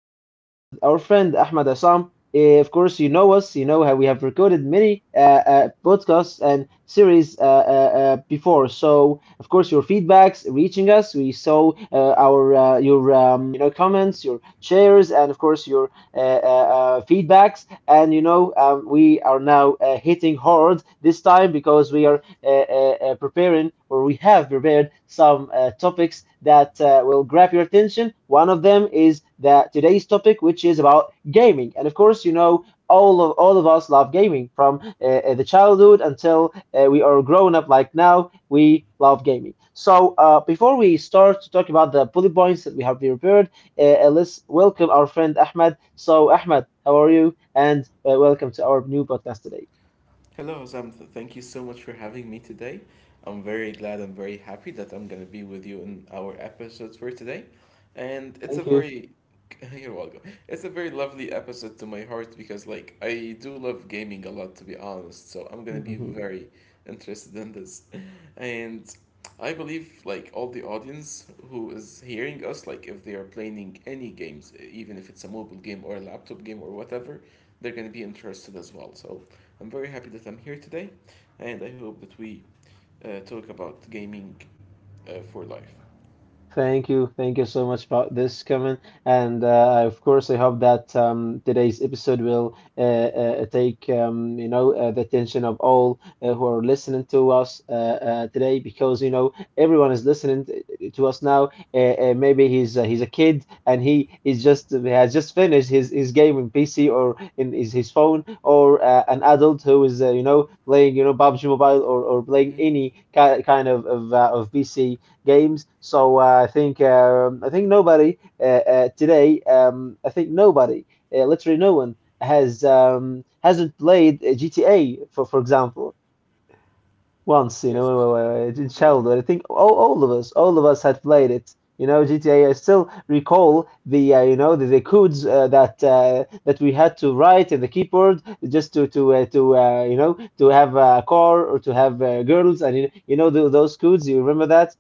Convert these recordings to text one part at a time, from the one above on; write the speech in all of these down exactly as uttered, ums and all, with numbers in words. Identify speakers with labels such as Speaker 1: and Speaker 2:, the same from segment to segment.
Speaker 1: we are with our friend Ahmed Assam. Eh, Of course, you know us. You know how we have recorded many uh, uh, podcasts and series uh, uh, uh, before. So, of course, your feedbacks reaching us. We saw uh, our uh, your um, you know comments, your shares, and of course your uh, uh, uh, feedbacks. And you know, um, we are now uh, hitting hard this time because we are uh, uh, uh, preparing, or we have prepared some uh, topics that uh, will grab your attention. One of them is that today's topic, which is about gaming, and of course, you know. All of, all of us love gaming from uh, uh, the childhood until uh, we are grown up like now we love gaming, so uh, before we start to talk about the bullet points that we have prepared uh, uh, let's welcome our friend Ahmed. So, Ahmed, how are you? And uh, welcome to our new podcast today.
Speaker 2: Hello, Zamta. Thank you so much for having me today. I'm very glad and very happy that I'm going to be with you in our episodes for today. And it's a
Speaker 1: Thank you.
Speaker 2: very, you're welcome. It's a very lovely episode to my heart because, like, I do love gaming a lot, to be honest. So I'm going to be very interested in this. And I believe, like, all the audience who is hearing us, like, if they are playing any games, even if it's a mobile game or a laptop game or whatever, they're going to be interested as well. So I'm very happy that I'm here today, and I hope that we uh, talk about gaming uh, for life.
Speaker 1: Thank you. Thank you so much for this comment. And uh, of course, I hope that um, today's episode will uh, uh, take um, you know uh, the attention of all uh, who are listening to us uh, uh, today, because you know everyone is listening t- to us now. Uh, uh, maybe he's uh, he's a kid and he is just has just finished his, his game in P C or in his, his phone, or uh, an adult who is uh, you know playing you know PUBG
Speaker 2: Mm-hmm.
Speaker 1: Mobile or, or playing any ki- kind of of, uh, of P C games. So uh, I think um, I think nobody uh, uh, today. Um, I think nobody, uh, literally no one, has um, hasn't played uh, G T A, for for example, once. You
Speaker 2: Yes,
Speaker 1: know, uh, uh, in
Speaker 2: exactly.
Speaker 1: childhood. I think all, all of us, all of us had played it. You know, G T A. I still recall the uh, you know the, the codes uh, that uh, that we had to write in the keyboard just to to uh, to uh, you know to have a car or to have uh, girls, and you, you know tho- those codes. You remember that?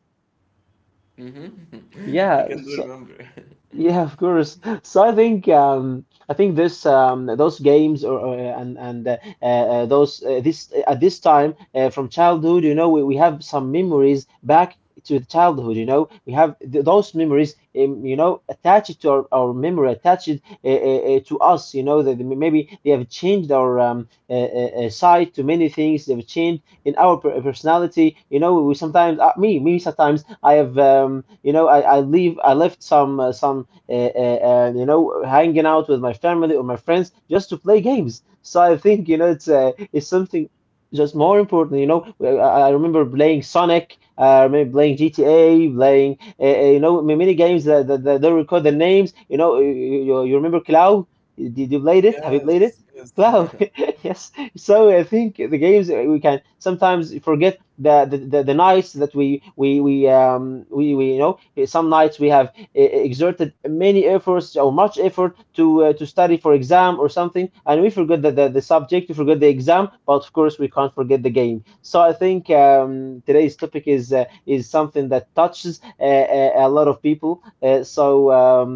Speaker 2: Mm-hmm. I
Speaker 1: Yeah.
Speaker 2: can do remember.
Speaker 1: Yeah, of course. So I think um, I think this um, those games or, or uh, and and uh, uh, those uh, this at this time uh, from childhood. You know, we, we have some memories back to the childhood. You know, we have th those memories, um, you know, attached to our, our memory, attached uh, uh, uh, to us. You know, that maybe they have changed our um, uh, uh, uh, side to many things. They've changed in our per- personality. You know, we sometimes uh, me me sometimes I have um, you know I, I leave I left some uh, some, and, and you know hanging out with my family or my friends just to play games. So I think you know it's uh, it's something just more important. You know, I, I remember playing Sonic, uh, I remember playing G T A, playing uh, uh, you know ma- many games that, that, that don't record the names. You know, you, you, you remember Cloud? Did you played it? Have you played
Speaker 2: Yes,
Speaker 1: it?
Speaker 2: yes.
Speaker 1: Cloud. Yes. So I think the games, uh, we can sometimes forget the the, the, the nights that we we we um we, we you know some nights we have e-, e-, exerted many efforts or much effort to uh, to study for exam or something, and we forgot the, the, the subject, we forgot the exam, but of course we can't forget the game. So i think um, today's topic is uh, is something that touches uh, a, a lot of people, uh, so um,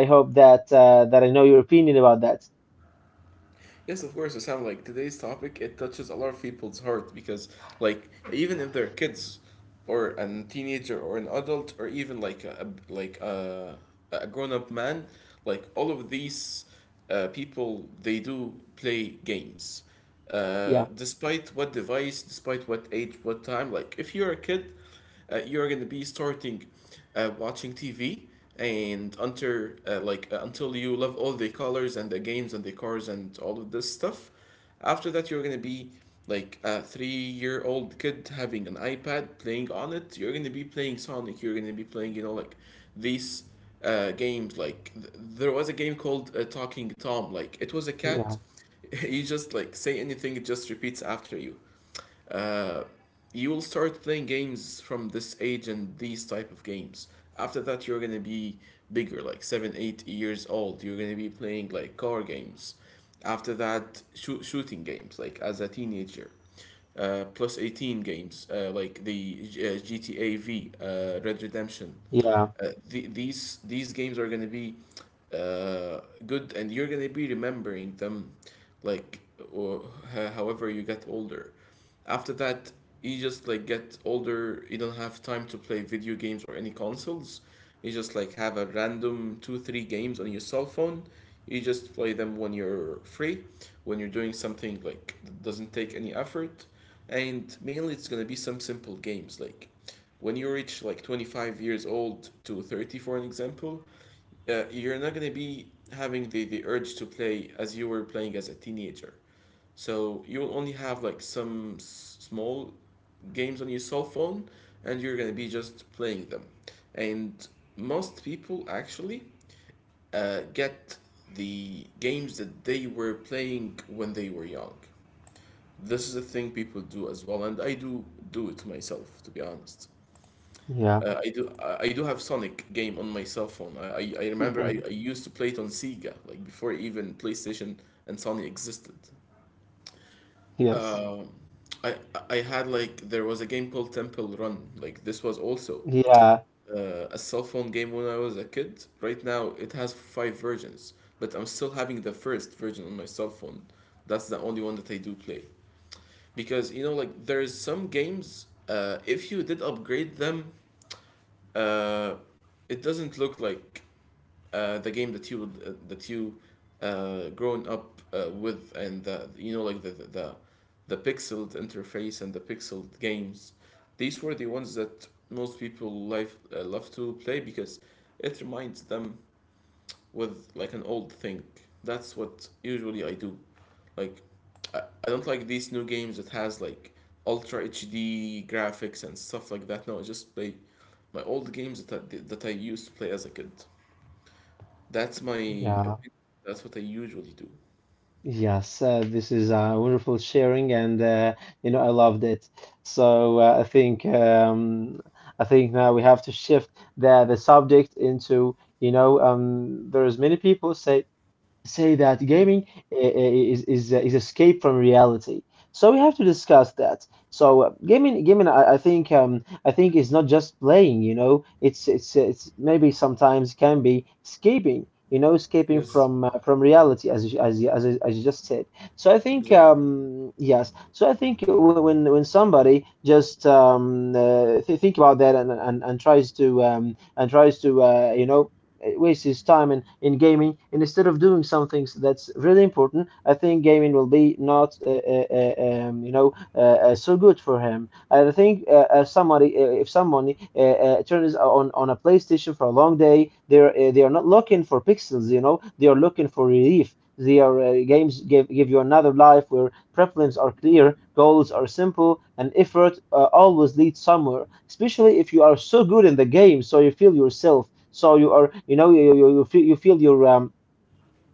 Speaker 1: I hope that uh, that I know your opinion about that.
Speaker 2: Yes, of course, Sam. Like today's topic, it touches a lot of people's heart because, like, even if they're kids, or a teenager, or an adult, or even like a a- like a a grown up man, like all of these uh, people, they do play games, uh,
Speaker 1: Yeah,
Speaker 2: despite what device, despite what age, what time. Like, if you're a kid, uh, you're gonna be starting uh, watching T V, and until uh, like uh, until you love all the colors and the games and the cars and all of this stuff. After that, you're gonna be like a three-year-old kid having an iPad playing on it. You're gonna be playing Sonic. You're gonna be playing you know like these uh, games. Like th- there was a game called uh, Talking Tom. Like it was a
Speaker 1: yeah,
Speaker 2: cat. You just like say anything, it just repeats after you uh, you will start playing games from this age and these type of games. After that, you're gonna be bigger, like seven eight years old. You're gonna be playing like car games. After that, shoo- shooting games, like as a teenager, uh, plus eighteen games, uh, like the uh, GTA V, uh, Red Redemption,
Speaker 1: yeah,
Speaker 2: uh, the, these these games are gonna be uh, good, and you're gonna be remembering them, like, or, ho- however you get older. After that, you just like get older, you don't have time to play video games or any consoles. You just like have a random two three games on your cell phone. You just play them when you're free, when you're doing something like that doesn't take any effort. And mainly it's going to be some simple games, like when you reach like twenty-five years old to thirty for an example. Uh, you're not going to be having the, the urge to play as you were playing as a teenager. So you will only have like some s- small games on your cell phone, and you're gonna be just playing them. And most people actually uh, get the games that they were playing when they were young. This is a thing people do as well, and I do do it myself, to be honest.
Speaker 1: yeah.
Speaker 2: Uh, I do I I do have Sonic game on my cell phone. I, I, I remember I, I used to play it on Sega, like before even PlayStation and Sony existed.
Speaker 1: Yes,
Speaker 2: Um, I I had, like, there was a game called Temple Run. Like this was also
Speaker 1: yeah,
Speaker 2: uh, a cell phone game when I was a kid. Right now it has five versions, but I'm still having the first version on my cell phone. That's the only one that I do play, because you know like there's some games. Uh, if you did upgrade them, uh, it doesn't look like uh, the game that you would uh, that you uh, grown up uh, with, and the, you know like the, the the the pixeled interface and the pixeled games. These were the ones that most people life uh, love to play because it reminds them with like an old thing. That's what usually I do. Like I, I don't like these new games that has like ultra H D graphics and stuff like that. No, I just play my old games that I, that I used to play as a kid. That's my
Speaker 1: yeah.
Speaker 2: opinion. That's what I usually do.
Speaker 1: Yes, uh, this is uh, wonderful sharing, and uh, you know I loved it. So uh, I think um, I think now we have to shift the the subject into, you know um, there's many people say say that
Speaker 2: Hmm.
Speaker 1: gaming i- is is uh, is escape from reality. So we have to discuss that. So uh, gaming, gaming, I, I think um I think is not just playing. You know, it's it's it's maybe sometimes can be escaping. You know, escaping
Speaker 2: Yes,
Speaker 1: from uh, from reality, as you- as you- as you- as you just said. So I think,
Speaker 2: exactly.
Speaker 1: um yes. So I think when when when somebody just um uh, th- think about that, and and, and tries to um and tries to uh, you know it wastes his time in, in gaming, and instead of doing something that's really important, I think gaming will be not uh, uh, uh, um, you know uh, uh, so good for him. And I think, uh, uh, somebody, uh, if someone uh, uh, turns on on a PlayStation for a long day, they're uh, they are not looking for pixels. You know, they are looking for relief. Their uh, games give, give you another life where preferences are clear, goals are simple, and effort uh, always leads somewhere. Especially if you are so good in the game, so you feel yourself, so you are, you know, you you, you feel you feel your um,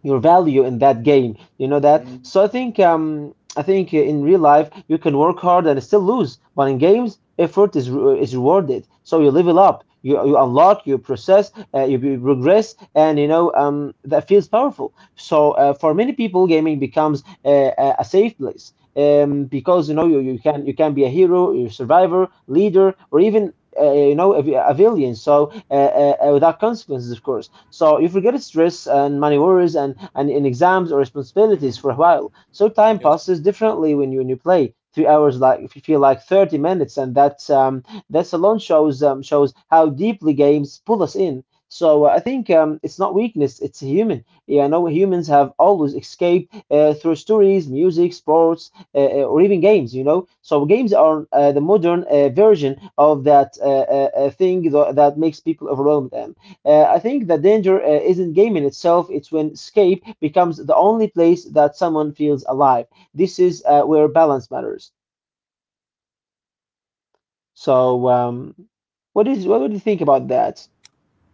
Speaker 1: your value in that game. You know that.
Speaker 2: Hmm.
Speaker 1: So I think um I think in real life you can work hard and still lose, but in games effort is re- is rewarded. So you level up, you you unlock, you process, uh, you, you progress, and you know um that feels powerful. So uh, for many people, gaming becomes a, a a safe place. Um, because you know you, you can you can be a hero, you survivor, leader, or even uh, you know a, a villain. So uh, uh, uh, without consequences, of course. So you forget stress and money worries, and, and in exams or responsibilities
Speaker 2: Hmm.
Speaker 1: for a while. So time
Speaker 2: Yes.
Speaker 1: passes differently when you when you play. Three hours, like, if you feel like thirty minutes, and that's um, that's alone shows, um, shows how deeply games pull us in. So uh, I think um, it's not weakness; it's human. Yeah, I know humans have always escaped uh, through stories, music, sports, uh, uh, or even games. You know, so games are uh, the modern uh, version of that uh, uh, uh, thing tho- that makes people overwhelmed. And uh, I think the danger uh, isn't gaming itself; it's when escape becomes the only place that someone feels alive. This is uh, where balance matters. So, um, what is what would you think about that?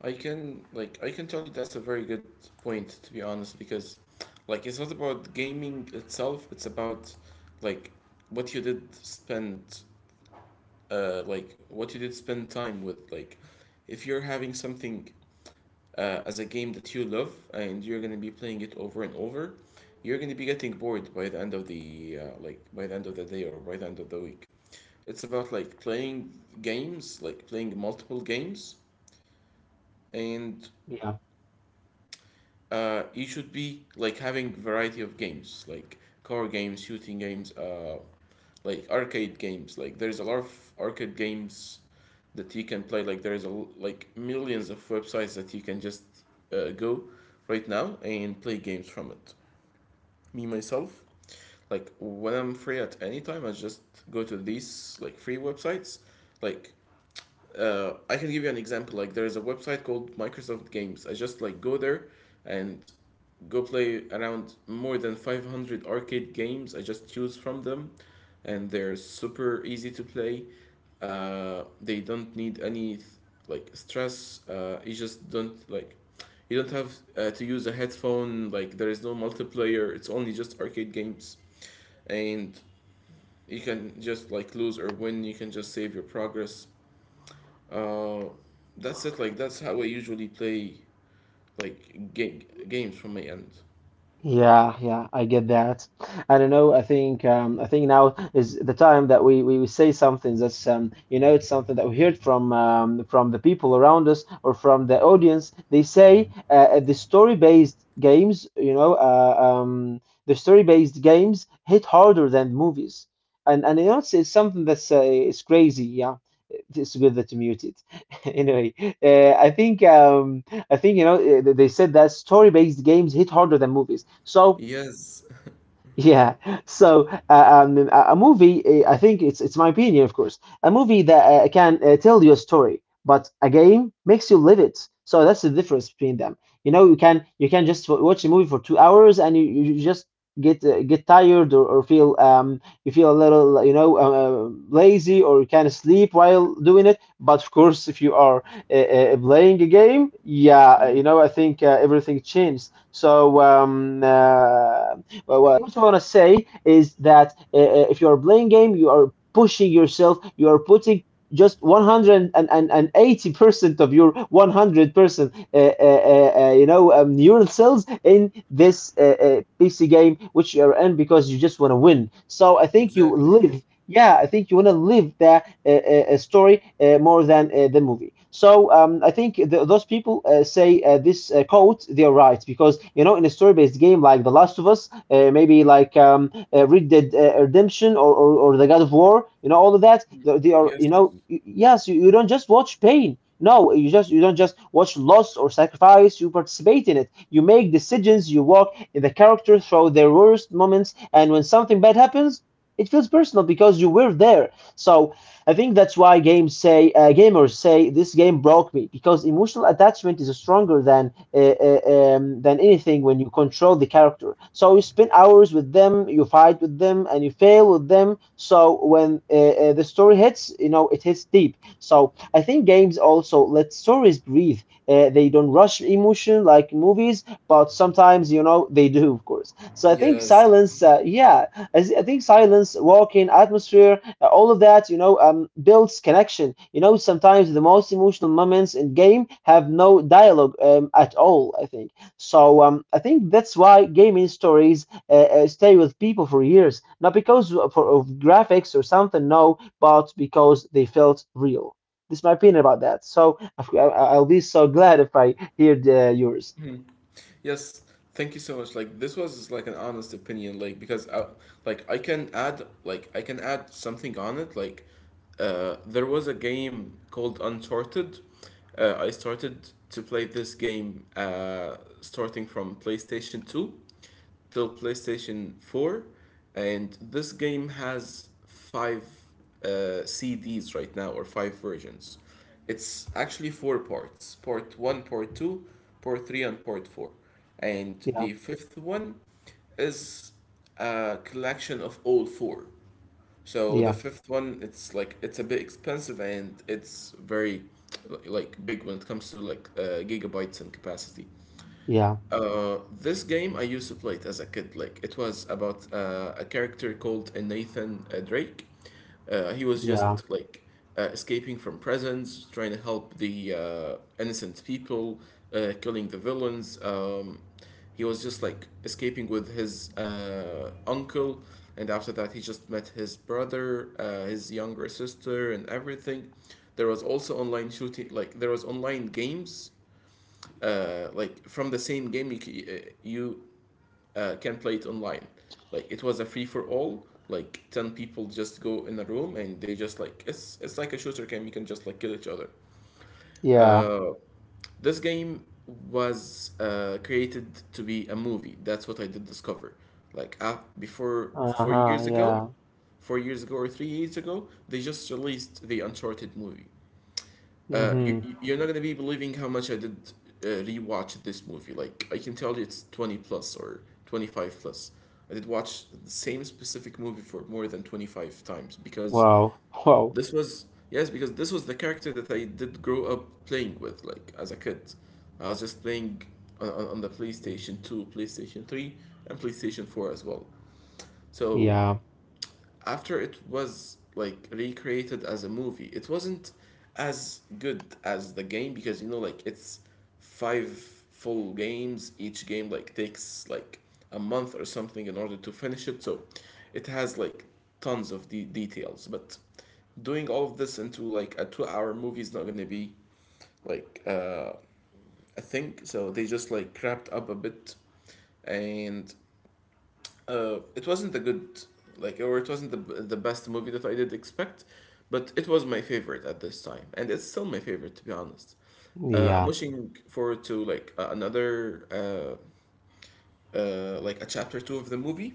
Speaker 2: I can like I can tell you, that's a very good point, to be honest, because like it's not about gaming itself, it's about, like, what you did spend uh like what you did spend time with. Like, if you're having something uh, as a game that you love, and you're going to be playing it over and over, you're going to be getting bored by the end of the uh, like by the end of the day, or by the end of the week. It's about like playing games, like playing multiple games, and
Speaker 1: Yeah.
Speaker 2: uh, you should be like having variety of games, like car games, shooting games, uh, like arcade games. Like there's a lot of arcade games that you can play. Like there's a l- like millions of websites that you can just uh, go right now and play games from it. Me myself, like, when I'm free at any time, I just go to these like free websites. Like, uh, I can give you an example. Like there is a website called Microsoft Games. I just like go there and go play around more than five hundred arcade games. I just choose from them, and they're super easy to play. Uh, they don't need any like stress. Uh, you just don't like you don't have uh, to use a headphone. Like there is no multiplayer. It's only just arcade games, and you can just like lose or win. You can just save your progress. Uh, that's it. Like that's how I usually play, like, ga- games from my end.
Speaker 1: Yeah, yeah, I get that. I don't know. I think um, I think now is the time that we, we, we say something that's um, you know it's something that we heard from um, from the people around us, or from the audience. They say uh, uh, the story based games, you know, uh, um, the story based games hit harder than movies, and and you know it's, it's something that's uh, it's crazy. Yeah, it's good that you muted. Anyway, uh, I think. Um, I think, you know eh, they said that story-based games hit harder than movies. So
Speaker 2: Yes.
Speaker 1: yeah. So, uh, um, a a movie, eh, I think it's it's my opinion, of course, a movie that uh, can uh, tell you a story, but a game makes you live it. So that's the difference between them. You know, you can you can just w- watch a movie for two hours, and you, you just get uh, get tired, or, or feel, um you feel a little, you know, uh, uh, lazy, or you can't sleep while doing it. But of course, if you are uh, uh, playing a game, yeah, uh,
Speaker 2: Mm,
Speaker 1: you know, I think uh, everything changes. So um, uh, but what I also want to say is that uh, uh, if you are playing game, you are pushing yourself. You are putting just one hundred eighty percent of your one hundred percent uh, uh, uh, uh, you know um, neural cells in this uh, uh, P C game which you are in, because you just want to win. So I think you
Speaker 2: exactly.
Speaker 1: live, yeah, I think you want to live the uh, uh, uh, story, uh, more than uh, the movie. So um, I think th those people uh, say uh, this uh, quote, they're right because you know in a story-based game like The Last of Us, uh, maybe like, um, uh, Red Dead uh, Redemption, or, or or The God of War, you know all of that. They, they are,
Speaker 2: Yes,
Speaker 1: you know
Speaker 2: yes,
Speaker 1: y- yes, you, you don't just watch pain. No, you just you don't just watch loss or sacrifice. You participate in it. You make decisions. You walk in the character through their worst moments, and when something bad happens it feels personal because you were there. So I think that's why games say uh, gamers say this game broke me because emotional attachment is stronger than uh, uh, um, than anything when you control the character. So you spend hours with them, you fight with them, and you fail with them. So when uh, uh, the story hits, you know it hits deep. So I think games also let stories breathe. Uh, they don't rush emotion like movies, but sometimes you know they do, of course. So I think
Speaker 2: yes,
Speaker 1: silence, uh, yeah, I, think silence, walking, atmosphere, uh, all of that, you know, um, builds connection. You know, sometimes the most emotional moments in game have no dialogue um, at all. I think so. Um, I think that's why gaming stories uh, uh, stay with people for years, not because of, for, of graphics or something, no, but because they felt real. This is my opinion about that. So I, I- I'll be so glad if I hear the, yours.
Speaker 2: yes. Thank you so much. Like this was like an honest opinion. Like, because I, like I can add like I can add something on it. Like uh, there was a game called Uncharted. Uh, I started to play this game uh, starting from PlayStation Two till PlayStation four, and this game has five uh, C Ds right now, or five versions. It's actually four parts: part one, part two, part three, and part four. And
Speaker 1: Yeah,
Speaker 2: the fifth one is a collection of all four. So the
Speaker 1: yeah,
Speaker 2: fifth one, it's like it's a bit expensive, and it's very like big when it comes to like uh, gigabytes and capacity.
Speaker 1: yeah,
Speaker 2: Uh, this game I used to play it as a kid. Like it was about uh, a character called uh, Nathan uh, Drake. Uh, he was
Speaker 1: yeah,
Speaker 2: just like uh, escaping from prisons, trying to help the uh, innocent people, uh, killing the villains. Um, he was just like escaping with his uh, uncle, and after that he just met his brother, uh, his younger sister, and everything. There was also online shooting, like there was online games uh, like from the same game you c- uh, you uh, can play it online. Like it was a free for all, like ten people just go in a room, and they just like it's it's like a shooter game, you can just like kill each other.
Speaker 1: yeah.
Speaker 2: uh, this game was uh, created to be a movie. That's what I did discover, like uh, before four
Speaker 1: Uh-huh,
Speaker 2: years ago,
Speaker 1: yeah.
Speaker 2: four years ago or three years ago they just released the Uncharted movie. Uh, you
Speaker 1: Mm-hmm.
Speaker 2: you're not gonna be believing how much I did uh, rewatch this movie. Like I can tell you, it's twenty plus or twenty-five plus. I did watch the same specific movie for more than twenty-five times, because
Speaker 1: Wow. Wow.
Speaker 2: this was, yes, because this was the character that I did grow up playing with. Like as a kid, I was just playing on on, on the PlayStation Two, PlayStation Three, and PlayStation Four as well. So
Speaker 1: Yeah.
Speaker 2: after it was like recreated as a movie, it wasn't as good as the game, because you know like it's five full games. Each game like takes like a month or something in order to finish it. So it has like tons of de- details, but doing all of this into like a two hour movie is not gonna be like uh, a thing. So they just like wrapped up a bit, and uh, it wasn't a good like or it wasn't the, the best movie that I did expect, but it was my favorite at this time, and it's still my favorite, to be honest. Uh, I'm
Speaker 1: Yeah.
Speaker 2: wishing forward to like a- another uh, uh, like a chapter two of the movie.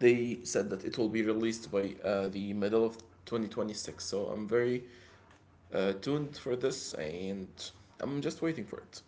Speaker 2: They said that it will be released by uh, the middle of twenty twenty-six, so I'm very uh, tuned for this, and I'm just waiting for it.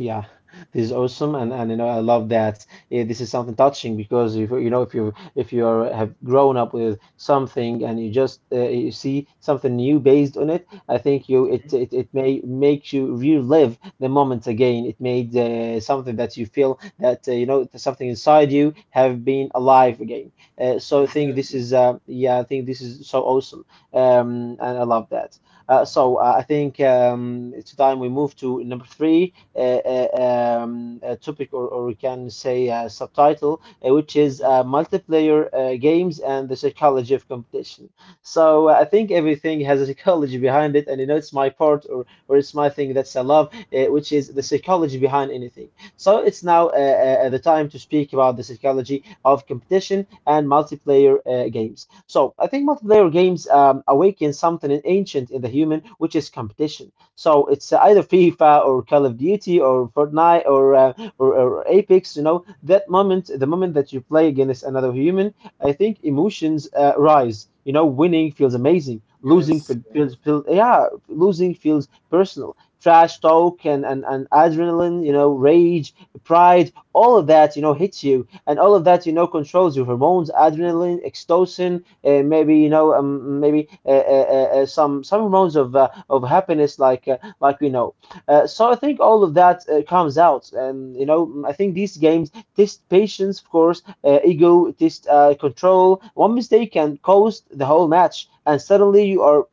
Speaker 1: Yeah, this is awesome, and and you know I love that. Yeah, this is something touching because if you know if you if you are, have grown up with something and you just uh, you see something new based on it. I think you it
Speaker 2: Hmm.
Speaker 1: it, it may make you relive the moments again. It made uh, something that you feel that uh, you know something inside you have been alive again. Uh, so I think this
Speaker 2: Exactly.
Speaker 1: is uh, Yeah, I think this is so awesome, um, and I love that. Uh, so uh, I think um, it's time we move to number three uh, um, uh, topic, or, or we can say uh, subtitle, uh, which is uh, multiplayer uh, games and the psychology of competition. So uh, I think everything has a psychology behind it, and you know it's my part or or it's my thing that's I love, uh, which is the psychology behind anything. So it's now uh, uh, uh, the time to speak about the psychology of competition and multiplayer uh, games. So I think multiplayer games um, awaken something ancient in the human, which is competition. So it's either FIFA or Call of Duty or Fortnite or uh, or, or Apex. You know that moment, the moment that you play against another human, I think emotions uh, rise. You know, winning feels amazing. Losing
Speaker 2: Yes.
Speaker 1: feel- feels, feels, yeah, losing feels personal. Trash talk and, and, and adrenaline, you know, rage, pride, all of that, you know, hits you, and all of that, you know, controls your hormones, adrenaline, oxytocin, uh, maybe you know um, maybe uh, uh, uh, uh, some some hormones of uh, of happiness like uh, like we know. uh, so I think all of that uh, comes out, and you know mm, I think these games test patience, of course, uh, ego test, uh, control. One mistake can cost the whole match, and suddenly you are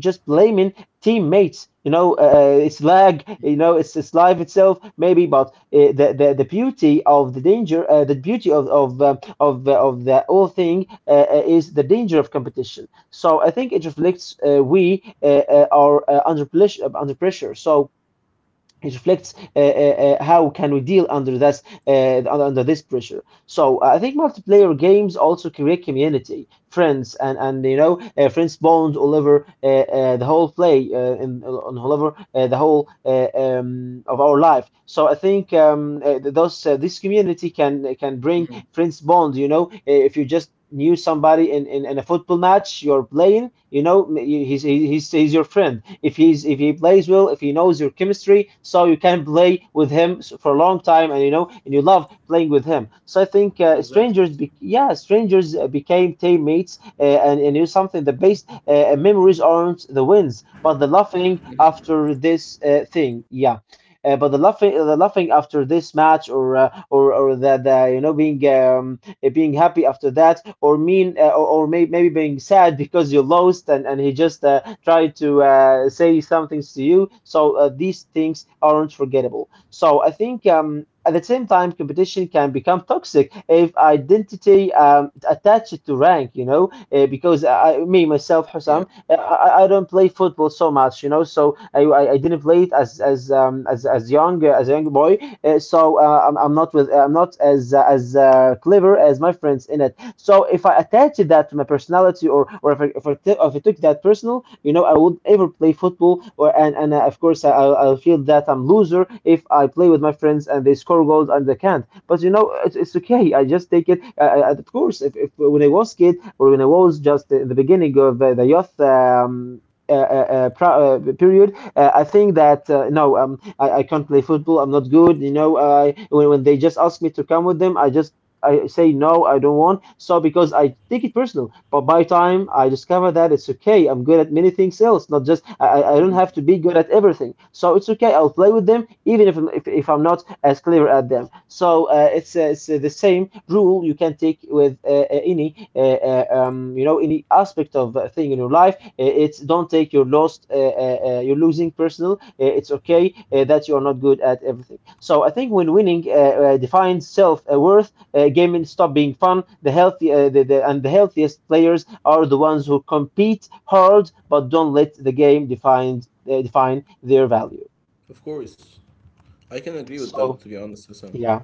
Speaker 1: just blaming teammates. You know, uh, it's lag. You know, it's it's life itself maybe, but uh, the, the the beauty of the danger, uh, the beauty of of uh, of the, of the whole thing uh, uh, is the danger of competition. So I think it reflects uh, we uh, uh, are uh, under pressure under pressure. So it reflects uh, uh, uh, how can we deal under this uh, under this pressure. so uh, I think multiplayer games also create community, friends, and and you know uh, friends bond all over uh, uh, the whole play, uh, in on all over uh, the whole uh, um, of our life. So I think um, uh, those uh, this community can can bring
Speaker 2: Hmm.
Speaker 1: friends, bond, you know uh, if you just knew somebody in, in, in a football match you're playing. You know he's, he's he's your friend, if he's, if he plays well, if he knows your chemistry, so you can play with him for a long time, and you know, and you love playing with him. So I think uh,
Speaker 2: Exactly.
Speaker 1: strangers be- yeah, strangers uh, became teammates, uh, and and it's something. The best uh, uh, memories aren't the wins, but the laughing after this uh, thing, yeah. Uh, but the laughing, the laughing after this match, or uh, or or the, the, you know, being um, uh, being happy after that, or mean, uh, or, or may, maybe being sad because you lost, and and he just uh, tried to uh, say some things to you. So uh, these things aren't forgettable. So I think. Um, at the same time, competition can become toxic if identity um, attached to rank, you know, uh, because I, me, myself,
Speaker 2: Yeah.
Speaker 1: Hussam, I, I I don't play football so much, you know, so I, I I didn't play it as as um, as as young uh, as a young boy, uh, so uh, I'm, I'm not with uh, I'm not as uh, as uh, clever as my friends in it. So if I attach that to my personality, or or if I, if I, t- if I took that personal, you know, I would ever play football. Or and and uh, Of course, I, I'll I'll feel that I'm loser if I play with my friends and they score goals and they can't. But you know, it's, it's okay. I just take it. Uh, uh, of course, if, if when I was kid, or when I was just in the beginning of uh, the youth. Um, uh, uh, uh, pro- uh, period, uh, I think that, uh, no, um, I, I can't play football. I'm not good. You know, I when, when they just ask me to come with them, I just I say no, I don't want. So because I take it personal, but by time I discover that it's okay. I'm good at many things else, not just. I, I I don't
Speaker 2: Mhm.
Speaker 1: have to be good at everything. So it's okay. I'll play with them, even if I'm- if, if I'm not as clever at them. So uh, it's uh, it's uh, the same rule you can take with uh, uh, any uh, uh, um, you know, any aspect of uh, thing in your life. Uh, It's, don't take your lost uh, uh, uh, your losing personal. Uh, It's okay, uh, that you are not good at everything. So I think when winning uh, uh, defines self worth, uh, gaming stop being fun. The healthy uh, the, the, and the healthiest players are the ones who compete hard but don't let the game define uh, define their value.
Speaker 2: Of course. I can agree with
Speaker 1: So,
Speaker 2: that, to be honest, Hassan.
Speaker 1: yeah.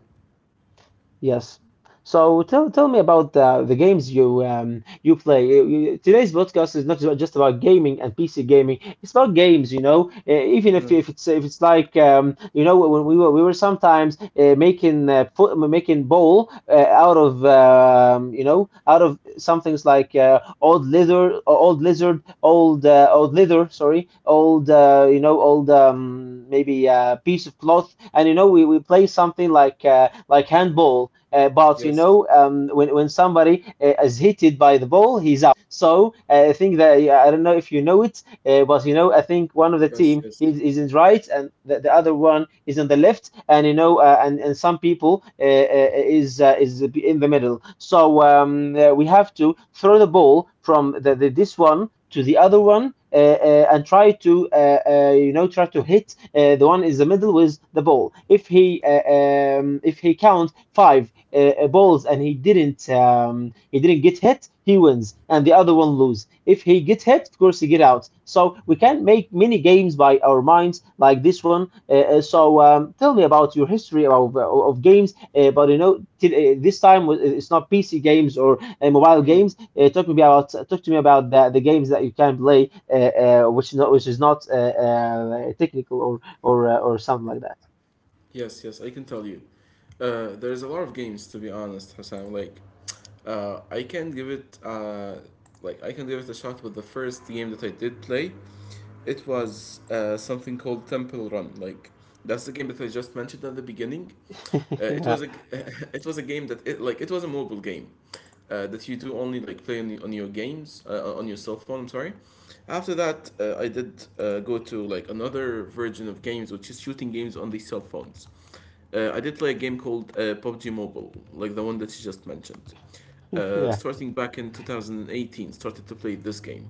Speaker 1: Yes. So, tell tell me about the the games you um you play. You- you- Today's podcast is not ju- just about gaming and P C gaming. It's about games, you know. Uh, even if
Speaker 2: Mm.
Speaker 1: if it's if it's like, um you know, when we were we were sometimes uh, making uh, fo making bowl uh, out of, um you know, out of some things like uh, old leather, old lizard, old uh, old leather, sorry, old uh, you know, old, um maybe uh, piece of cloth, and you know we we play something like uh, like handball, uh, but you
Speaker 2: Yes,
Speaker 1: know, um, when when somebody uh, is hit by the ball, he's out. So uh, I think that, I don't know if you know it, uh, but you know, I think one of the
Speaker 2: yes,
Speaker 1: team is,
Speaker 2: yes.
Speaker 1: is in right, and the, the other one is on the left, and you know, uh, and and some people uh, uh, is uh, is in the middle. So um, uh, we have to throw the ball from the, the this one to the other one, uh, uh, and try to uh, uh, you know, try to hit uh, the one in the middle with the ball. If he, uh, um, if he counts five uh, uh, balls and he didn't um, he didn't get hit, he wins, and the other one lose. If he get hit, of course he get out. So we can make many games by our minds like this one. Uh, uh, so um, tell me about your history of, of games, uh, but you know, t- uh, this time it's not P C games or uh, mobile
Speaker 2: Hmm.
Speaker 1: games. Uh, talk to me about talk to me about the, the games that you can play, uh, uh, which is not which is not uh, uh, technical or or uh, or something like that.
Speaker 2: Yes, yes, I can tell you. Uh, there's a lot of games, to be honest, Hassan. Like, uh, I can give it, uh, like, I can give it a shot with the first game that I did play. It was uh, something called Temple Run. Like, that's the game that I just mentioned at the beginning. Uh, it
Speaker 1: Yeah,
Speaker 2: was a, g- it was a game that it, like it was a mobile game. Uh, that you do only like play on, the, on your games uh, uh, on your cell phone. I'm sorry. After that uh, i did uh, go to like another version of games, which is shooting games on the cell phones. uh, I did play a game called uh, pubg mobile, like the one that you just mentioned. Uh,
Speaker 1: yeah,
Speaker 2: starting back in two thousand eighteen, started to play this game,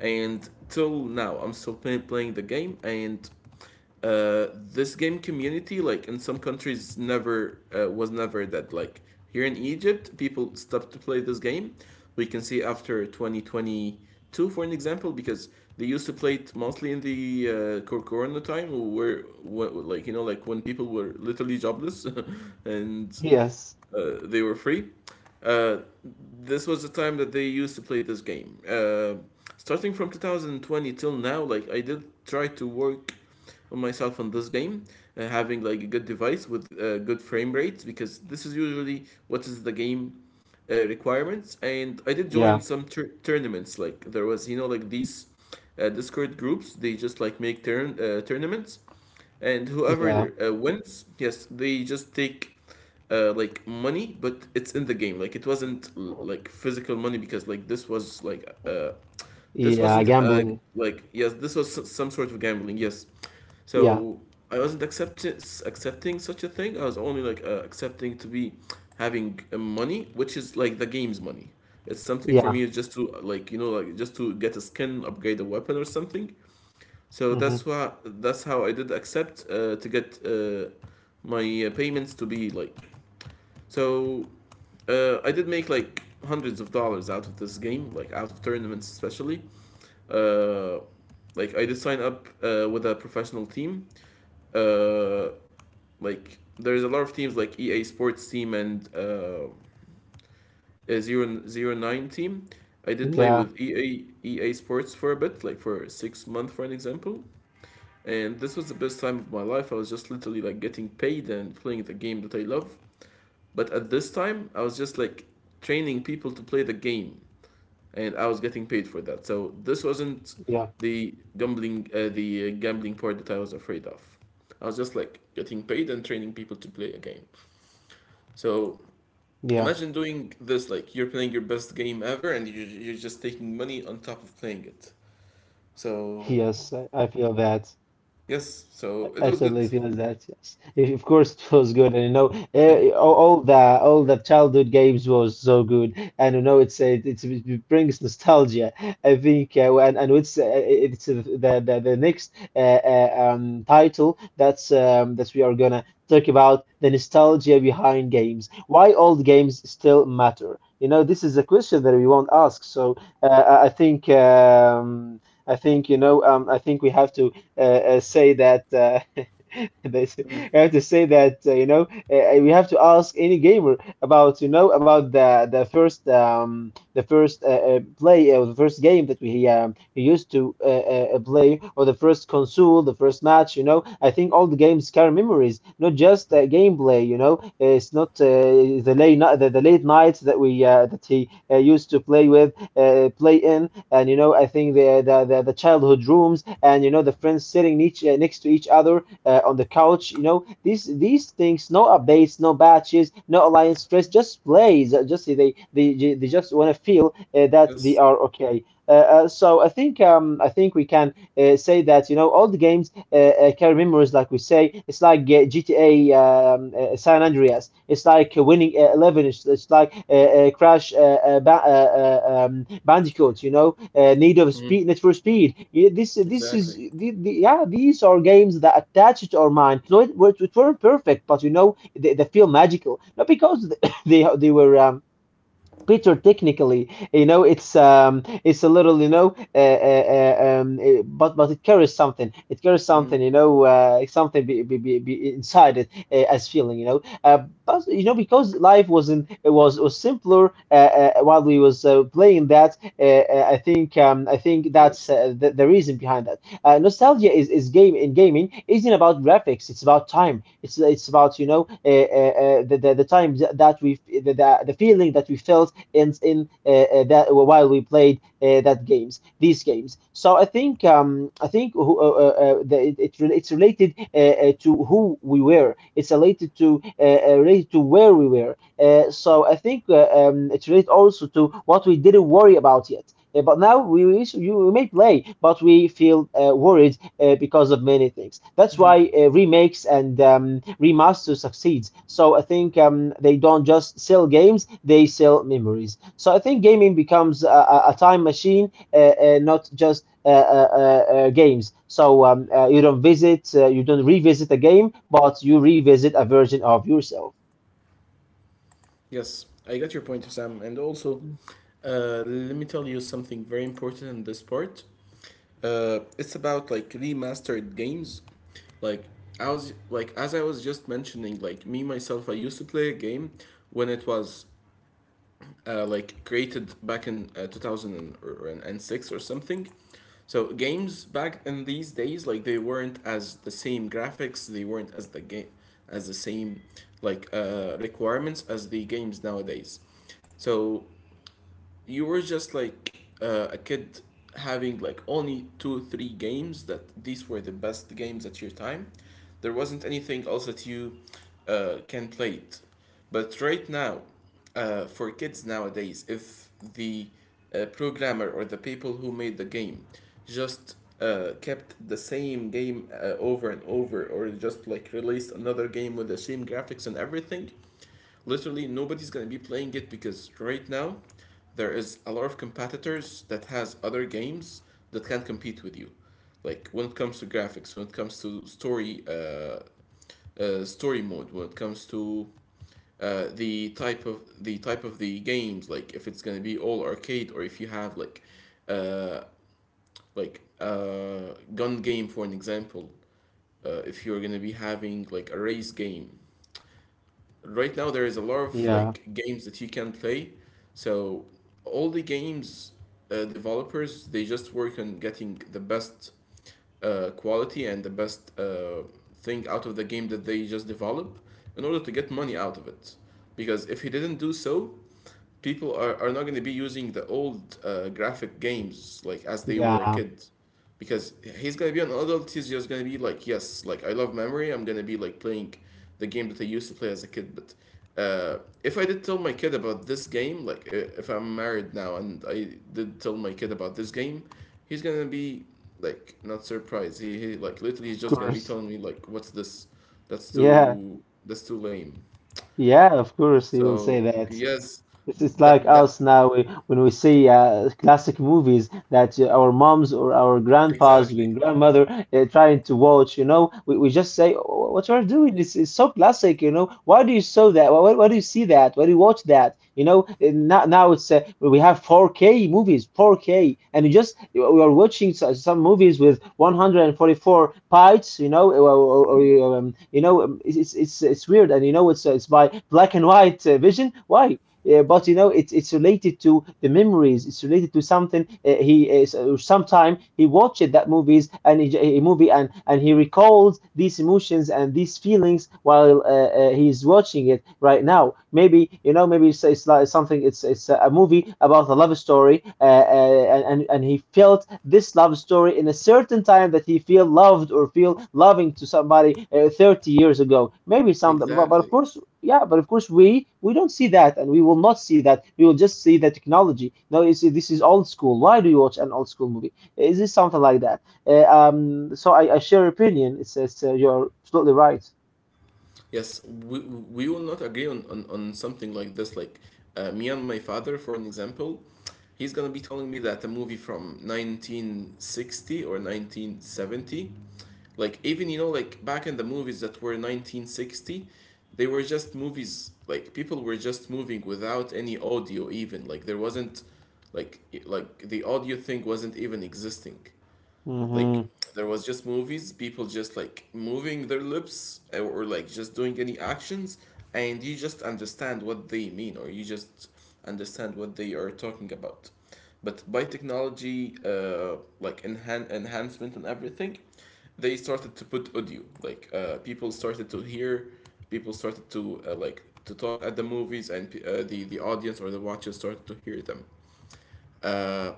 Speaker 2: and till now I'm still play- playing the game. And uh, this game community, like in some countries, never uh, was never that like. Here in egypt people stopped to play this game. We can see after twenty twenty-two, for an example, because they used to play it mostly in the uh, cor- corona time, where, where like, you know, like when people were literally jobless, and
Speaker 1: yes,
Speaker 2: uh, they were free. Uh, this was the time that they used to play this game. Uh, starting from two thousand twenty till now, like I did try to work on myself on this game, uh, having like a good device with uh, good frame rates, because this is usually what is the game uh, requirements. And I did join
Speaker 1: yeah,
Speaker 2: some tur- tournaments. Like there was, you know, like these uh, Discord groups. They just like make turn uh, tournaments, and
Speaker 1: yeah.
Speaker 2: whoever uh, wins, yes, they just take uh, like money, but it's in the game. Like it wasn't l- like physical money, because like this was like uh this
Speaker 1: Yeah,
Speaker 2: wasn't uh
Speaker 1: gambling.
Speaker 2: like yes, this was s- some sort of gambling, yes.
Speaker 1: Yeah,
Speaker 2: So i wasn't accept- accepting such a thing. I was only like uh, accepting to be having uh, money, which is like the game's money. It's something for
Speaker 1: yeah.
Speaker 2: me just to, like, you know, like just to get a skin, upgrade a weapon, or something. So
Speaker 1: Hmm.
Speaker 2: that's why that's how I did accept uh, to get uh, my uh, payments to be like. So uh, I did make like hundreds of dollars out of this game, like out of tournaments especially. Uh, like I did sign up uh, with a professional team. Uh, like there's a lot of teams, like E A Sports team and uh, a zero zero nine team. I did play
Speaker 1: Yeah,
Speaker 2: with E A EA Sports for a bit, like for six months, for an example. And this was the best time of my life. I was just literally like getting paid and playing the game that I love. But at this time, I was just like training people to play the game, and I was getting paid for that. So this wasn't
Speaker 1: yeah,
Speaker 2: the gambling, uh, the uh, gambling part that I was afraid of. I was just like getting paid and training people to play a game. So
Speaker 1: yeah.
Speaker 2: imagine doing this, like you're playing your best game ever, and you you're just taking money on top of playing it. So
Speaker 1: Yes, I I feel that.
Speaker 2: yes, so it
Speaker 1: I I
Speaker 2: was good.
Speaker 1: totally feel that. Yes, if, of course. It was good, and you know, eh, all, all the all the childhood games was so good, and you know, it's a it's, it brings nostalgia. I think, uh, and and it's uh, it's uh, the the, the next uh, uh, um title that's um that we are gonna talk about the nostalgia behind games. Why old games still matter? You know, this is a question that we won't ask. So uh, I I think um I think you know um I think we have to uh, uh, say that uh, they say,
Speaker 2: Mm,
Speaker 1: we have to say that uh, you know, uh, uh, we have to ask any gamer about, you know, about the the first um the first uh, uh, play, or the first game that we um, he used to uh, uh, uh, play, or the first console, the first match. You know, I think all the games carry memories, not just uh, gameplay. You know, it's not uh, the late night, the, the late nights that we uh, that he uh, used to play with uh, play in. And you know, I think the the the, the childhood rooms, and you know, the friends sitting each, uh, next to each other uh, on the couch. You know, these these things, no updates, no batches, no alliance stress, just plays. uh, Just they they they they just want to feel uh, that they
Speaker 2: yes.
Speaker 1: are okay. Uh, uh, so I think um, I think we can uh, say that, you know, all the games uh, can remember, is like we say, it's like uh, G T A um, uh, San Andreas. It's like uh, Winning uh, Eleven. It's, it's like uh, uh, Crash uh, uh, ba- uh, uh, um, Bandicoot. You know, uh, Need of Speed, Need for Speed. Yeah, this this is
Speaker 2: Exactly.
Speaker 1: the, the, yeah. These are games that attach to our mind. No, it, it it weren't perfect, but you know, they, they feel magical. Not because they they they were um, better technically. You know, it's um, it's a little, you know, uh, uh, uh, um, uh, but but it carries something. It carries something,
Speaker 2: Hmm.
Speaker 1: you know, uh, something be, be, be, be inside it uh, as feeling, you know. Uh, but you know, because life wasn't, it was was simpler uh, uh, while we was uh, playing that. Uh, uh, I think um, I think
Speaker 2: Of
Speaker 1: that's
Speaker 2: course.
Speaker 1: uh, the, the reason behind that. Uh, nostalgia is is game in gaming isn't about graphics. It's about time. It's it's about, you know, uh, uh, uh, the, the the time that we the, the the feeling that we felt in in uh, uh, that while we played uh, that games these games. So I think um, I think uh, uh, uh, the, it, it it's related uh, uh, to who we were. It's related to uh, uh, related to where we were. Uh, so I think uh, um, it's related also to what we didn't worry about yet. Uh, but now we, we we may play, but we feel uh, worried uh, because of many things. That's
Speaker 2: Hmm.
Speaker 1: why uh, remakes and um, remasters succeeds. So I think um, they don't just sell games; they sell memories. So I think gaming becomes a, a time machine, uh, uh, not just uh, uh, uh, uh, games. So um, uh, you don't visit, uh, you don't revisit a game, but you revisit a version of yourself.
Speaker 2: Yes, I got your point, Sam. And also, uh, let me tell you something very important in this part. Uh, it's about like remastered games. Like I was like, as I was just mentioning, like me myself, I used to play a game when it was uh, like created back in uh, two thousand six or something. So games back in these days, like they weren't as the same graphics, they weren't as the game as the same like uh, requirements as the games nowadays. So you were just like uh, a kid having like only two three games, that these were the best games at your time. There wasn't anything else that you uh, can play it. But right now, uh, for kids nowadays, if the uh, programmer or the people who made the game just uh, kept the same game uh, over and over, or just like released another game with the same graphics and everything, literally nobody's gonna be playing it, because right now there is a lot of competitors that has other games that can compete with you. Like when it comes to graphics, when it comes to story, uh, uh, story mode, when it comes to uh, the type of the type of the games, like if it's gonna be all arcade, or if you have like uh like uh gun game, for an example. Uh, if you're gonna be having like a race game, right now there is a lot of
Speaker 1: Yeah,
Speaker 2: like games that you can play. So all the games uh, developers, they just work on getting the best uh, quality and the best uh, thing out of the game that they just develop, in order to get money out of it. Because if he didn't do so, people are, are not going to be using the old uh, graphic games like as they were a
Speaker 1: yeah,
Speaker 2: kid, because he's gonna be an adult. He's just gonna be like, yes, like I love memory, I'm gonna be like playing the game that I used to play as a kid. But uh, if I did tell my kid about this game, like uh, if I'm married now and I did tell my kid about this game, he's gonna be like not surprised. He, he like literally he's
Speaker 1: of
Speaker 2: just gonna be
Speaker 1: course.
Speaker 2: telling me like, what's this? That's
Speaker 1: Yeah,
Speaker 2: too that's too lame.
Speaker 1: yeah, of course, he will say
Speaker 2: So
Speaker 1: that. It's,
Speaker 2: yes,
Speaker 1: it's
Speaker 2: that
Speaker 1: like
Speaker 2: that
Speaker 1: us now we, when we see uh, classic movies that uh, our moms or our grandpas
Speaker 2: exactly.
Speaker 1: and grandmother uh, trying to watch, you know, we, we just say, "Oh, what you are doing is is so classic, you know. Why do you show that? Why, why do you see that? Why do you watch that? You know, and now, now it's uh, we have four K movies, four K, and you just we are watching so- some movies with one hundred forty-four bytes, you know, or, or, or um, you know, um, it's, it's it's it's weird, and you know, it's uh, it's by black and white uh, vision. Why? Uh, but you know, it's it's related to the memories, it's related to something. Uh, he is uh, Sometime he watched that movies and he, a movie and and he recalls these emotions and these feelings while uh, uh, he's watching it right now. Maybe, you know, maybe it's, it's like something, it's it's a movie about a love story, uh, uh, and and he felt this love story in a certain time, that he feel loved or feel loving to somebody uh, thirty years ago maybe, some, but, but of
Speaker 2: Exactly.
Speaker 1: course, yeah, but of course we we don't see that, and we will not see that. We will just see the technology. Now you see, this is old school. Why do you watch an old school movie? Is this something like that? Uh, um, so I, I share your opinion. It says, uh, you're absolutely right.
Speaker 2: Yes, we, we will not agree on, on, on something like this. Like uh, me and my father, for an example, he's gonna be telling me that a movie from nineteen sixty or nineteen seventy, like even you know, like back in the movies that were nineteen sixty, they were just movies. Like people were just moving without any audio even. Like there wasn't, like i- like the audio thing wasn't even existing. Like
Speaker 1: Mm-hmm.
Speaker 2: there was just movies, people just like moving their lips, or, or like just doing any actions, and you just understand what they mean, or you just understand what they are talking about. But by technology, uh, like enhan- enhancement and everything, they started to put audio. Like uh, people started to hear, people started to uh, like to talk at the movies, and uh, the the audience or the watchers started to hear them. Uh,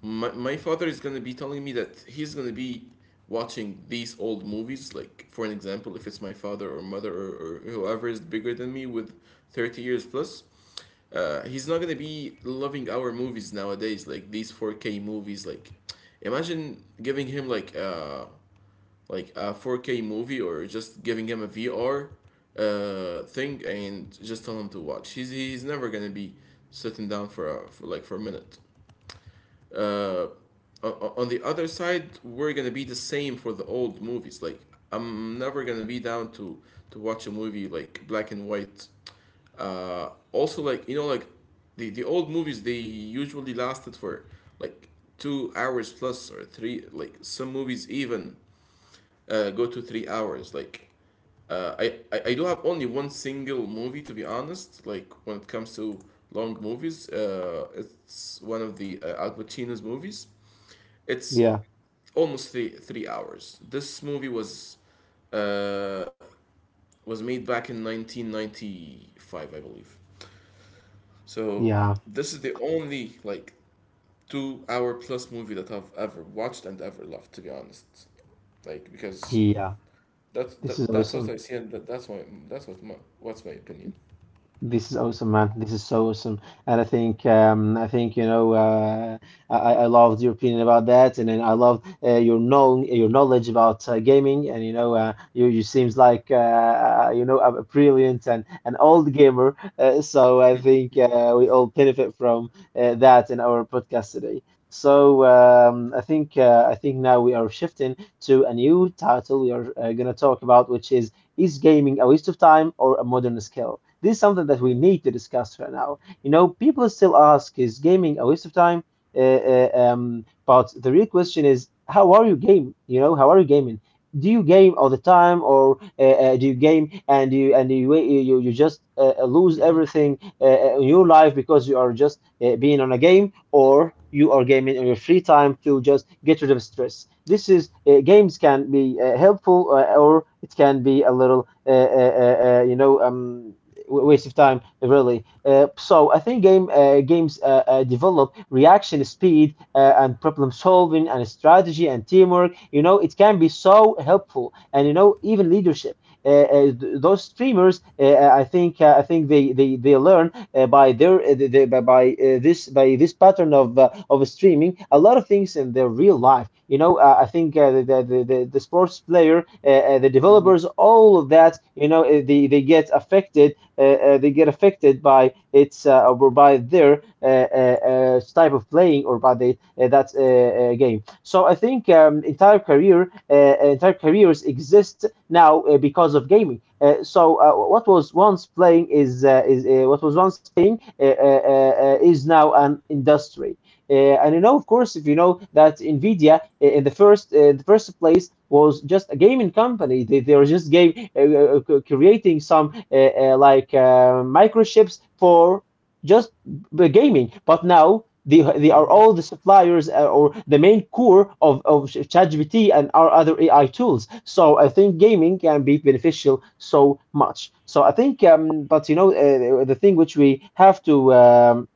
Speaker 2: my, my father is gonna be telling me that he's gonna be watching these old movies, like for an example, if it's my father or mother, or, or whoever is bigger than me with thirty years plus, uh, he's not gonna be loving our movies nowadays, like these four K movies. Like imagine giving him like uh like a four K movie, or just giving him a vr uh thing and just tell him to watch. He's he's never gonna be sitting down for a for like for a minute. uh, on the other side, we're gonna be the same for the old movies. Like I'm never gonna be down to to watch a movie like black and white. Uh, also, like you know, like the the old movies, they usually lasted for like two hours plus or three. Like some movies even uh, go to three hours. Like uh, I, I I do have only one single movie, to be honest. Like when it comes to long movies, uh, it's one of the uh, Al Pacino's movies. It's
Speaker 1: Yeah,
Speaker 2: almost three three hours. This movie was uh, was made back in nineteen ninety-five, I believe. So
Speaker 1: yeah,
Speaker 2: this is the only like two hour plus movie that I've ever watched and ever loved, to be honest. Like because
Speaker 1: yeah.
Speaker 2: that's
Speaker 1: This is
Speaker 2: that, that's what
Speaker 1: awesome.
Speaker 2: I see, and that, that's why that's what my what's my opinion.
Speaker 1: This is awesome, man. This is so awesome, and I think um, I think, you know, uh, I, I I loved your opinion about that, and then I love uh, your know your knowledge about uh, gaming, and you know, uh, you you seems like, uh, you know, a brilliant and an old gamer, uh, so I think uh, we all benefit from uh, that in our podcast today. So um, I think uh, I think now we are shifting to a new title we are uh, gonna talk about, which is is gaming a waste of time or a modern skill? This is something that we need to discuss right now. You know, people still ask, is gaming a waste of time? Uh, uh, um, but the real question is, how are you game? You know, how are you gaming? Do you game all the time, or uh, uh, do you game and you and you you, you just uh, uh, lose
Speaker 2: Mm-hmm.
Speaker 1: everything uh, uh, in your life because you are just uh, being on a game, or you are gaming in your free time to just get rid of stress? This is, uh, games can be uh, helpful, uh, or it can be a little, uh, uh, uh, uh, you know um waste of time, really. Uh, so I think game uh, games uh, uh, develop reaction speed, uh, and problem solving and strategy and teamwork. You know, it can be so helpful, and you know, even leadership. Uh, uh, th- those streamers, uh, uh, I think, uh, I think they they, they learn uh, by their uh, they, by by, uh, this by this pattern of uh, of streaming a lot of things in their real life. You know, uh, I think uh, the, the the the sports player, uh, uh, the developers, all of that. You know, uh, they they get affected uh, uh, they get affected by its uh, or by their uh, uh, uh, type of playing or by the uh, that uh, uh, game. So I think um, entire career uh, entire careers exist now uh, because of gaming. Uh, so uh, what was once playing is uh, is uh, what was once playing uh, uh, uh, is now an industry. Uh, and you know, of course, if you know that NVIDIA, uh, in the first uh, the first place was just a gaming company. They, they were just game uh, uh, creating some uh, uh, like uh, microchips for just the gaming. But now they they are
Speaker 2: Mm-hmm.
Speaker 1: all the suppliers, uh, or the main core of of ChatGPT and our other A I tools. So I think gaming can be beneficial so much. So I think, um, but you know, uh, the thing which we have to, um,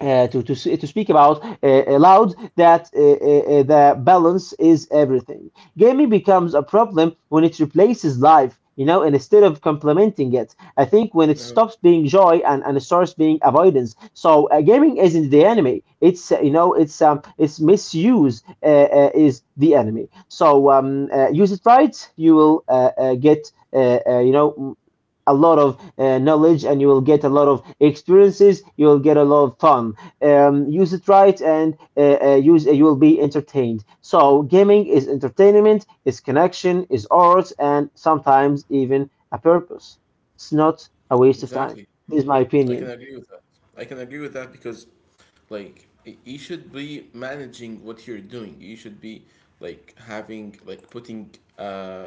Speaker 1: uh, to, to, to speak about uh, aloud, that uh, uh, uh, the balance is everything. Gaming becomes a problem when it replaces life, you know, and instead of complementing it. I think when it
Speaker 2: No,
Speaker 1: stops being joy, and, and it starts being avoidance. So uh, gaming isn't the enemy. It's, uh, you know, it's, um, it's misuse uh, uh, is the enemy. So um, uh, use it right, you will uh, uh, get, uh, uh, you know, a lot of uh, knowledge, and you will get a lot of experiences, you will get a lot of fun. Um, use it right, and uh, uh, use uh, you will be entertained. So gaming is entertainment, is connection, is art, and sometimes even a purpose. It's not a waste of time.
Speaker 2: exactly.
Speaker 1: This is my
Speaker 2: I can
Speaker 1: opinion.
Speaker 2: agree with that. I can agree with that, because, like, y- you should be managing what you're doing. You should be like having, like putting uh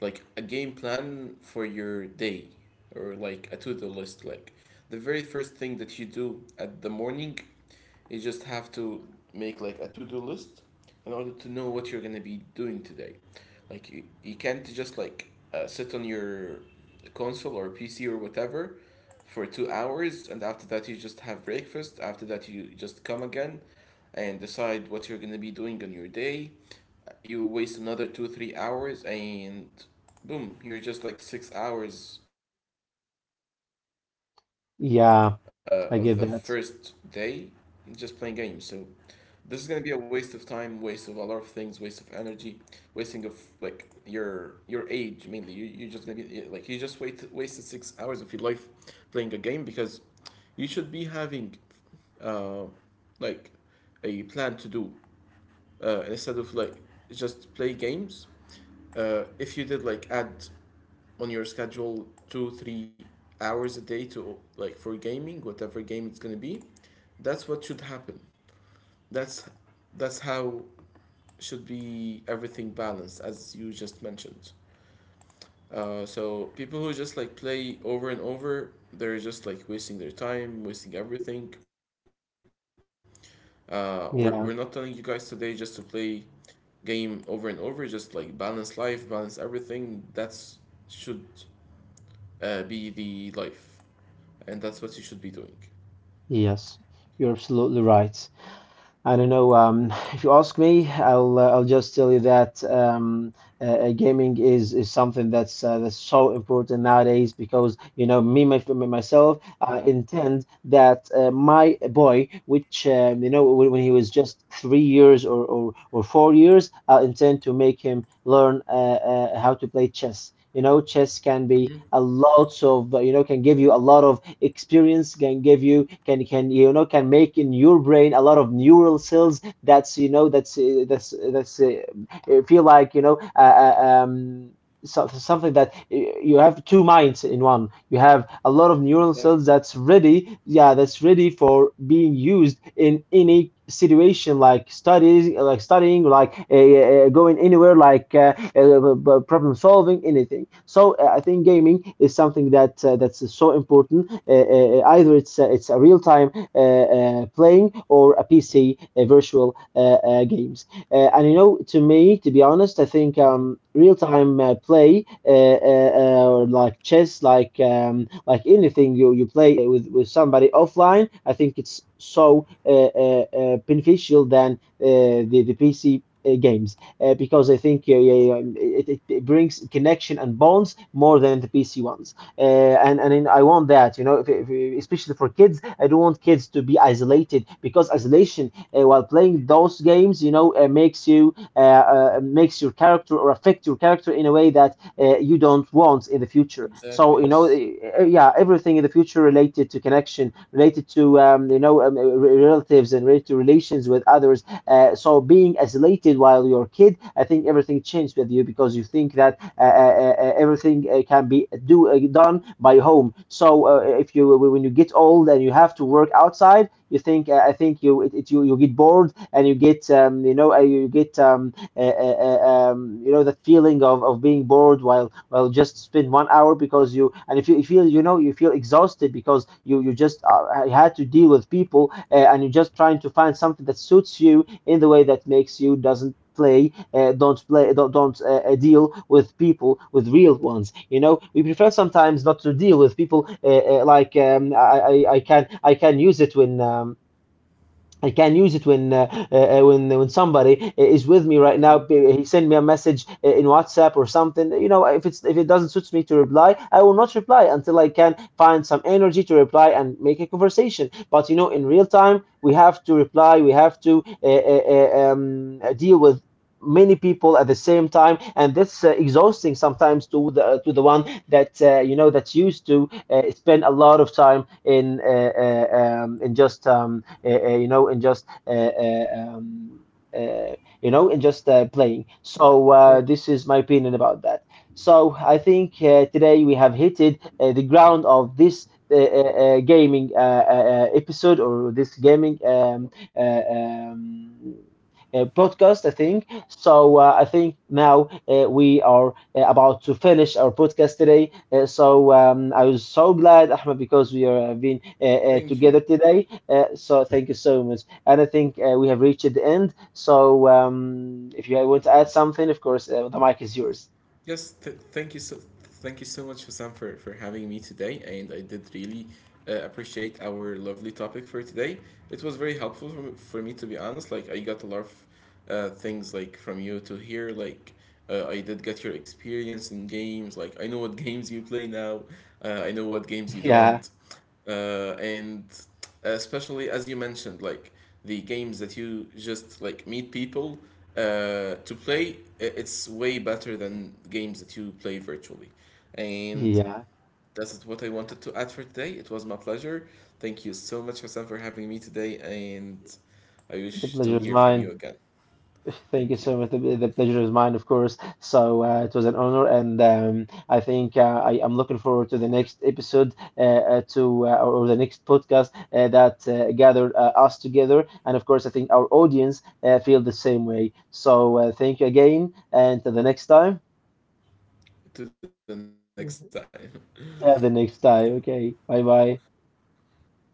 Speaker 2: like a game plan for your day, or like a to-do list. Like the very first thing that you do at the morning, you just have to make like a to-do list, in order to know what you're gonna be doing today. Like you, you can't just like uh, sit on your console or P C or whatever for two hours, and after that, you just have breakfast. After that, you just come again and decide what you're gonna be doing on your day. You waste another two, three hours, and boom, you're just like six hours uh, of the first day,
Speaker 1: Yeah,
Speaker 2: just playing
Speaker 1: I
Speaker 2: games.
Speaker 1: get
Speaker 2: So
Speaker 1: that.
Speaker 2: this is gonna be a waste of time, waste of a lot of things, waste of energy, wasting of like your your age, mainly. You you're just gonna be, yeah, like you just wait wasted six hours of your life playing a game, because you should be having uh like a plan to do, uh instead of like just play games. Uh, if you did like add on your schedule two three hours a day to like for gaming, whatever game it's gonna be, that's what should happen. that's that's how should be everything balanced, as you just mentioned. Uh, so people who just like play over and over, they're just like wasting their time, wasting everything. Uh, we're, we're not telling you guys today
Speaker 1: Yeah,
Speaker 2: just to play game over and over, just like balance life, balance everything. That's should uh, be the life, and that's what you should be doing.
Speaker 1: yes, you're absolutely right. I don't know. Um, if you ask me, I'll uh, I'll just tell you that um, uh, uh, gaming is, is something that's uh, that's so important nowadays, because you know, me my, me, myself, I intend that uh, my boy, which uh, you know, when when he was just three years or or, or four years, I intend to make him learn uh, uh, how to play chess. You know, chess can be
Speaker 2: Mhm.
Speaker 1: a lot of, uh, you know can give you a lot of experience, can give you, can can you know can make in your brain a lot of neural cells that's you know that's uh, that's that's uh, uh, feel like, you know uh, uh, um so- so something that you have two minds in one. You have a lot of neural cells
Speaker 2: Exactly.
Speaker 1: that's ready, yeah, that's ready for being used in any situation, like studying, like studying, like uh, uh, going anywhere, like uh, uh, problem solving, anything. So uh, I think gaming is something that uh, that's so important, uh, uh, either it's uh, it's a real time uh, uh, playing or a PC uh, virtual uh, uh, games. Uh, and you know, to me, to be honest, I think
Speaker 2: Mhm.
Speaker 1: um, real-time uh, play, uh, uh, uh, or like chess, like um, like anything you you play with with somebody offline, I think it's so uh, uh, uh, beneficial than uh, the the P C. Uh, games, uh, because I think, uh, yeah, yeah, um, it, it it brings connection and bonds more than the P C ones. Uh, and and in, I want that, you know, if, if, especially for kids, I don't want kids to be isolated, because isolation uh, while playing those games, you know, uh, makes you uh, uh, makes your character, or affect your character in a way that uh, you don't want in the future.
Speaker 2: Exactly,
Speaker 1: So you know,
Speaker 2: yes.
Speaker 1: uh, yeah, everything in the future related to connection, related to, um, you know um, uh, re- relatives, and related to relations with others. Uh, so being isolated while you're a kid, I think everything changed with you, because you think that uh, uh, uh, uh, everything uh, can be do uh, done by home. So uh, if you, when you get old and you have to work outside, you think, uh, I think you, it, it, you you get bored, and you get, um, you know uh, you get, um, uh, uh, uh, um, you know, that feeling of, of being bored while while just spend one hour. Because you, and if you feel, you know, you feel exhausted because you, you just uh, had to deal with people, uh, and you're just trying to find something that suits you in the way that makes you doesn't play, uh, don't play, don't, don't uh, uh, deal with people, with real ones. You know, we prefer sometimes not to deal with people, uh, uh, like um, I, I I can, I can use it when, um, I can use it when, uh, uh, when when somebody is with me right
Speaker 2: Mhm.
Speaker 1: now. He send me a message uh, in WhatsApp or something. You know, if it's, if it doesn't suit me to reply, I will not reply until I can find some energy to reply and make a conversation. But you know, in real time, we have to reply. We have to uh, uh, uh, um, deal with many people at the same time, and that's uh, exhausting sometimes to the to the one that uh, you know that's used to uh, spend a lot of time in uh, uh, um, in just um, uh, uh, you know, in just uh, uh, um, uh, you know, in just uh, playing. So
Speaker 2: Of
Speaker 1: uh,
Speaker 2: course.
Speaker 1: this is my opinion about that. So I think uh, today we have hitted uh, the ground of this uh, uh, uh, gaming uh, uh, uh, episode, or this gaming um, uh, um, uh, podcast, I think so. Uh, I think now uh, we are uh, about to finish our podcast today. Uh, so um, I was so glad, Ahmed, because we are uh, been uh, uh,
Speaker 2: Thank you.
Speaker 1: together today. Uh, so thank you so much. And I think uh, we have reached the end. So um, if you want to add something, of course, uh, the mic is yours.
Speaker 2: Yes, th- thank you so thank you so much, Sam, for, for having me today, and I did really uh, appreciate our lovely topic for today. It was very helpful for me, for me, to be honest. Like I got a lot of uh, things like from you to hear. Like uh, I did get your experience in games. Like I know what games you play now. Uh, I know what games you
Speaker 1: Yeah,
Speaker 2: don't. Uh, and especially as you mentioned, like the games that you just like meet people uh, to play, i- it's way better than games that you play virtually. And
Speaker 1: yeah.
Speaker 2: that's what I wanted to add for today. It was my pleasure. Thank you so much, Hassan, for having me today. And I
Speaker 1: The
Speaker 2: wish to
Speaker 1: pleasure is
Speaker 2: hear from
Speaker 1: mine.
Speaker 2: you again.
Speaker 1: Thank you
Speaker 2: Thank you.
Speaker 1: so much. The, the pleasure is mine, of course. So uh, it was an honor, and um, I think, uh, I am looking forward to the next episode, uh, uh, to uh, or or the next podcast uh, that uh, gathered uh, us together. And of course, I think our audience uh, feel the same way. So uh, thank you again, and till the next time.
Speaker 2: To the next time.
Speaker 1: Yeah, the next time. Okay. Bye bye.
Speaker 2: Bye bye.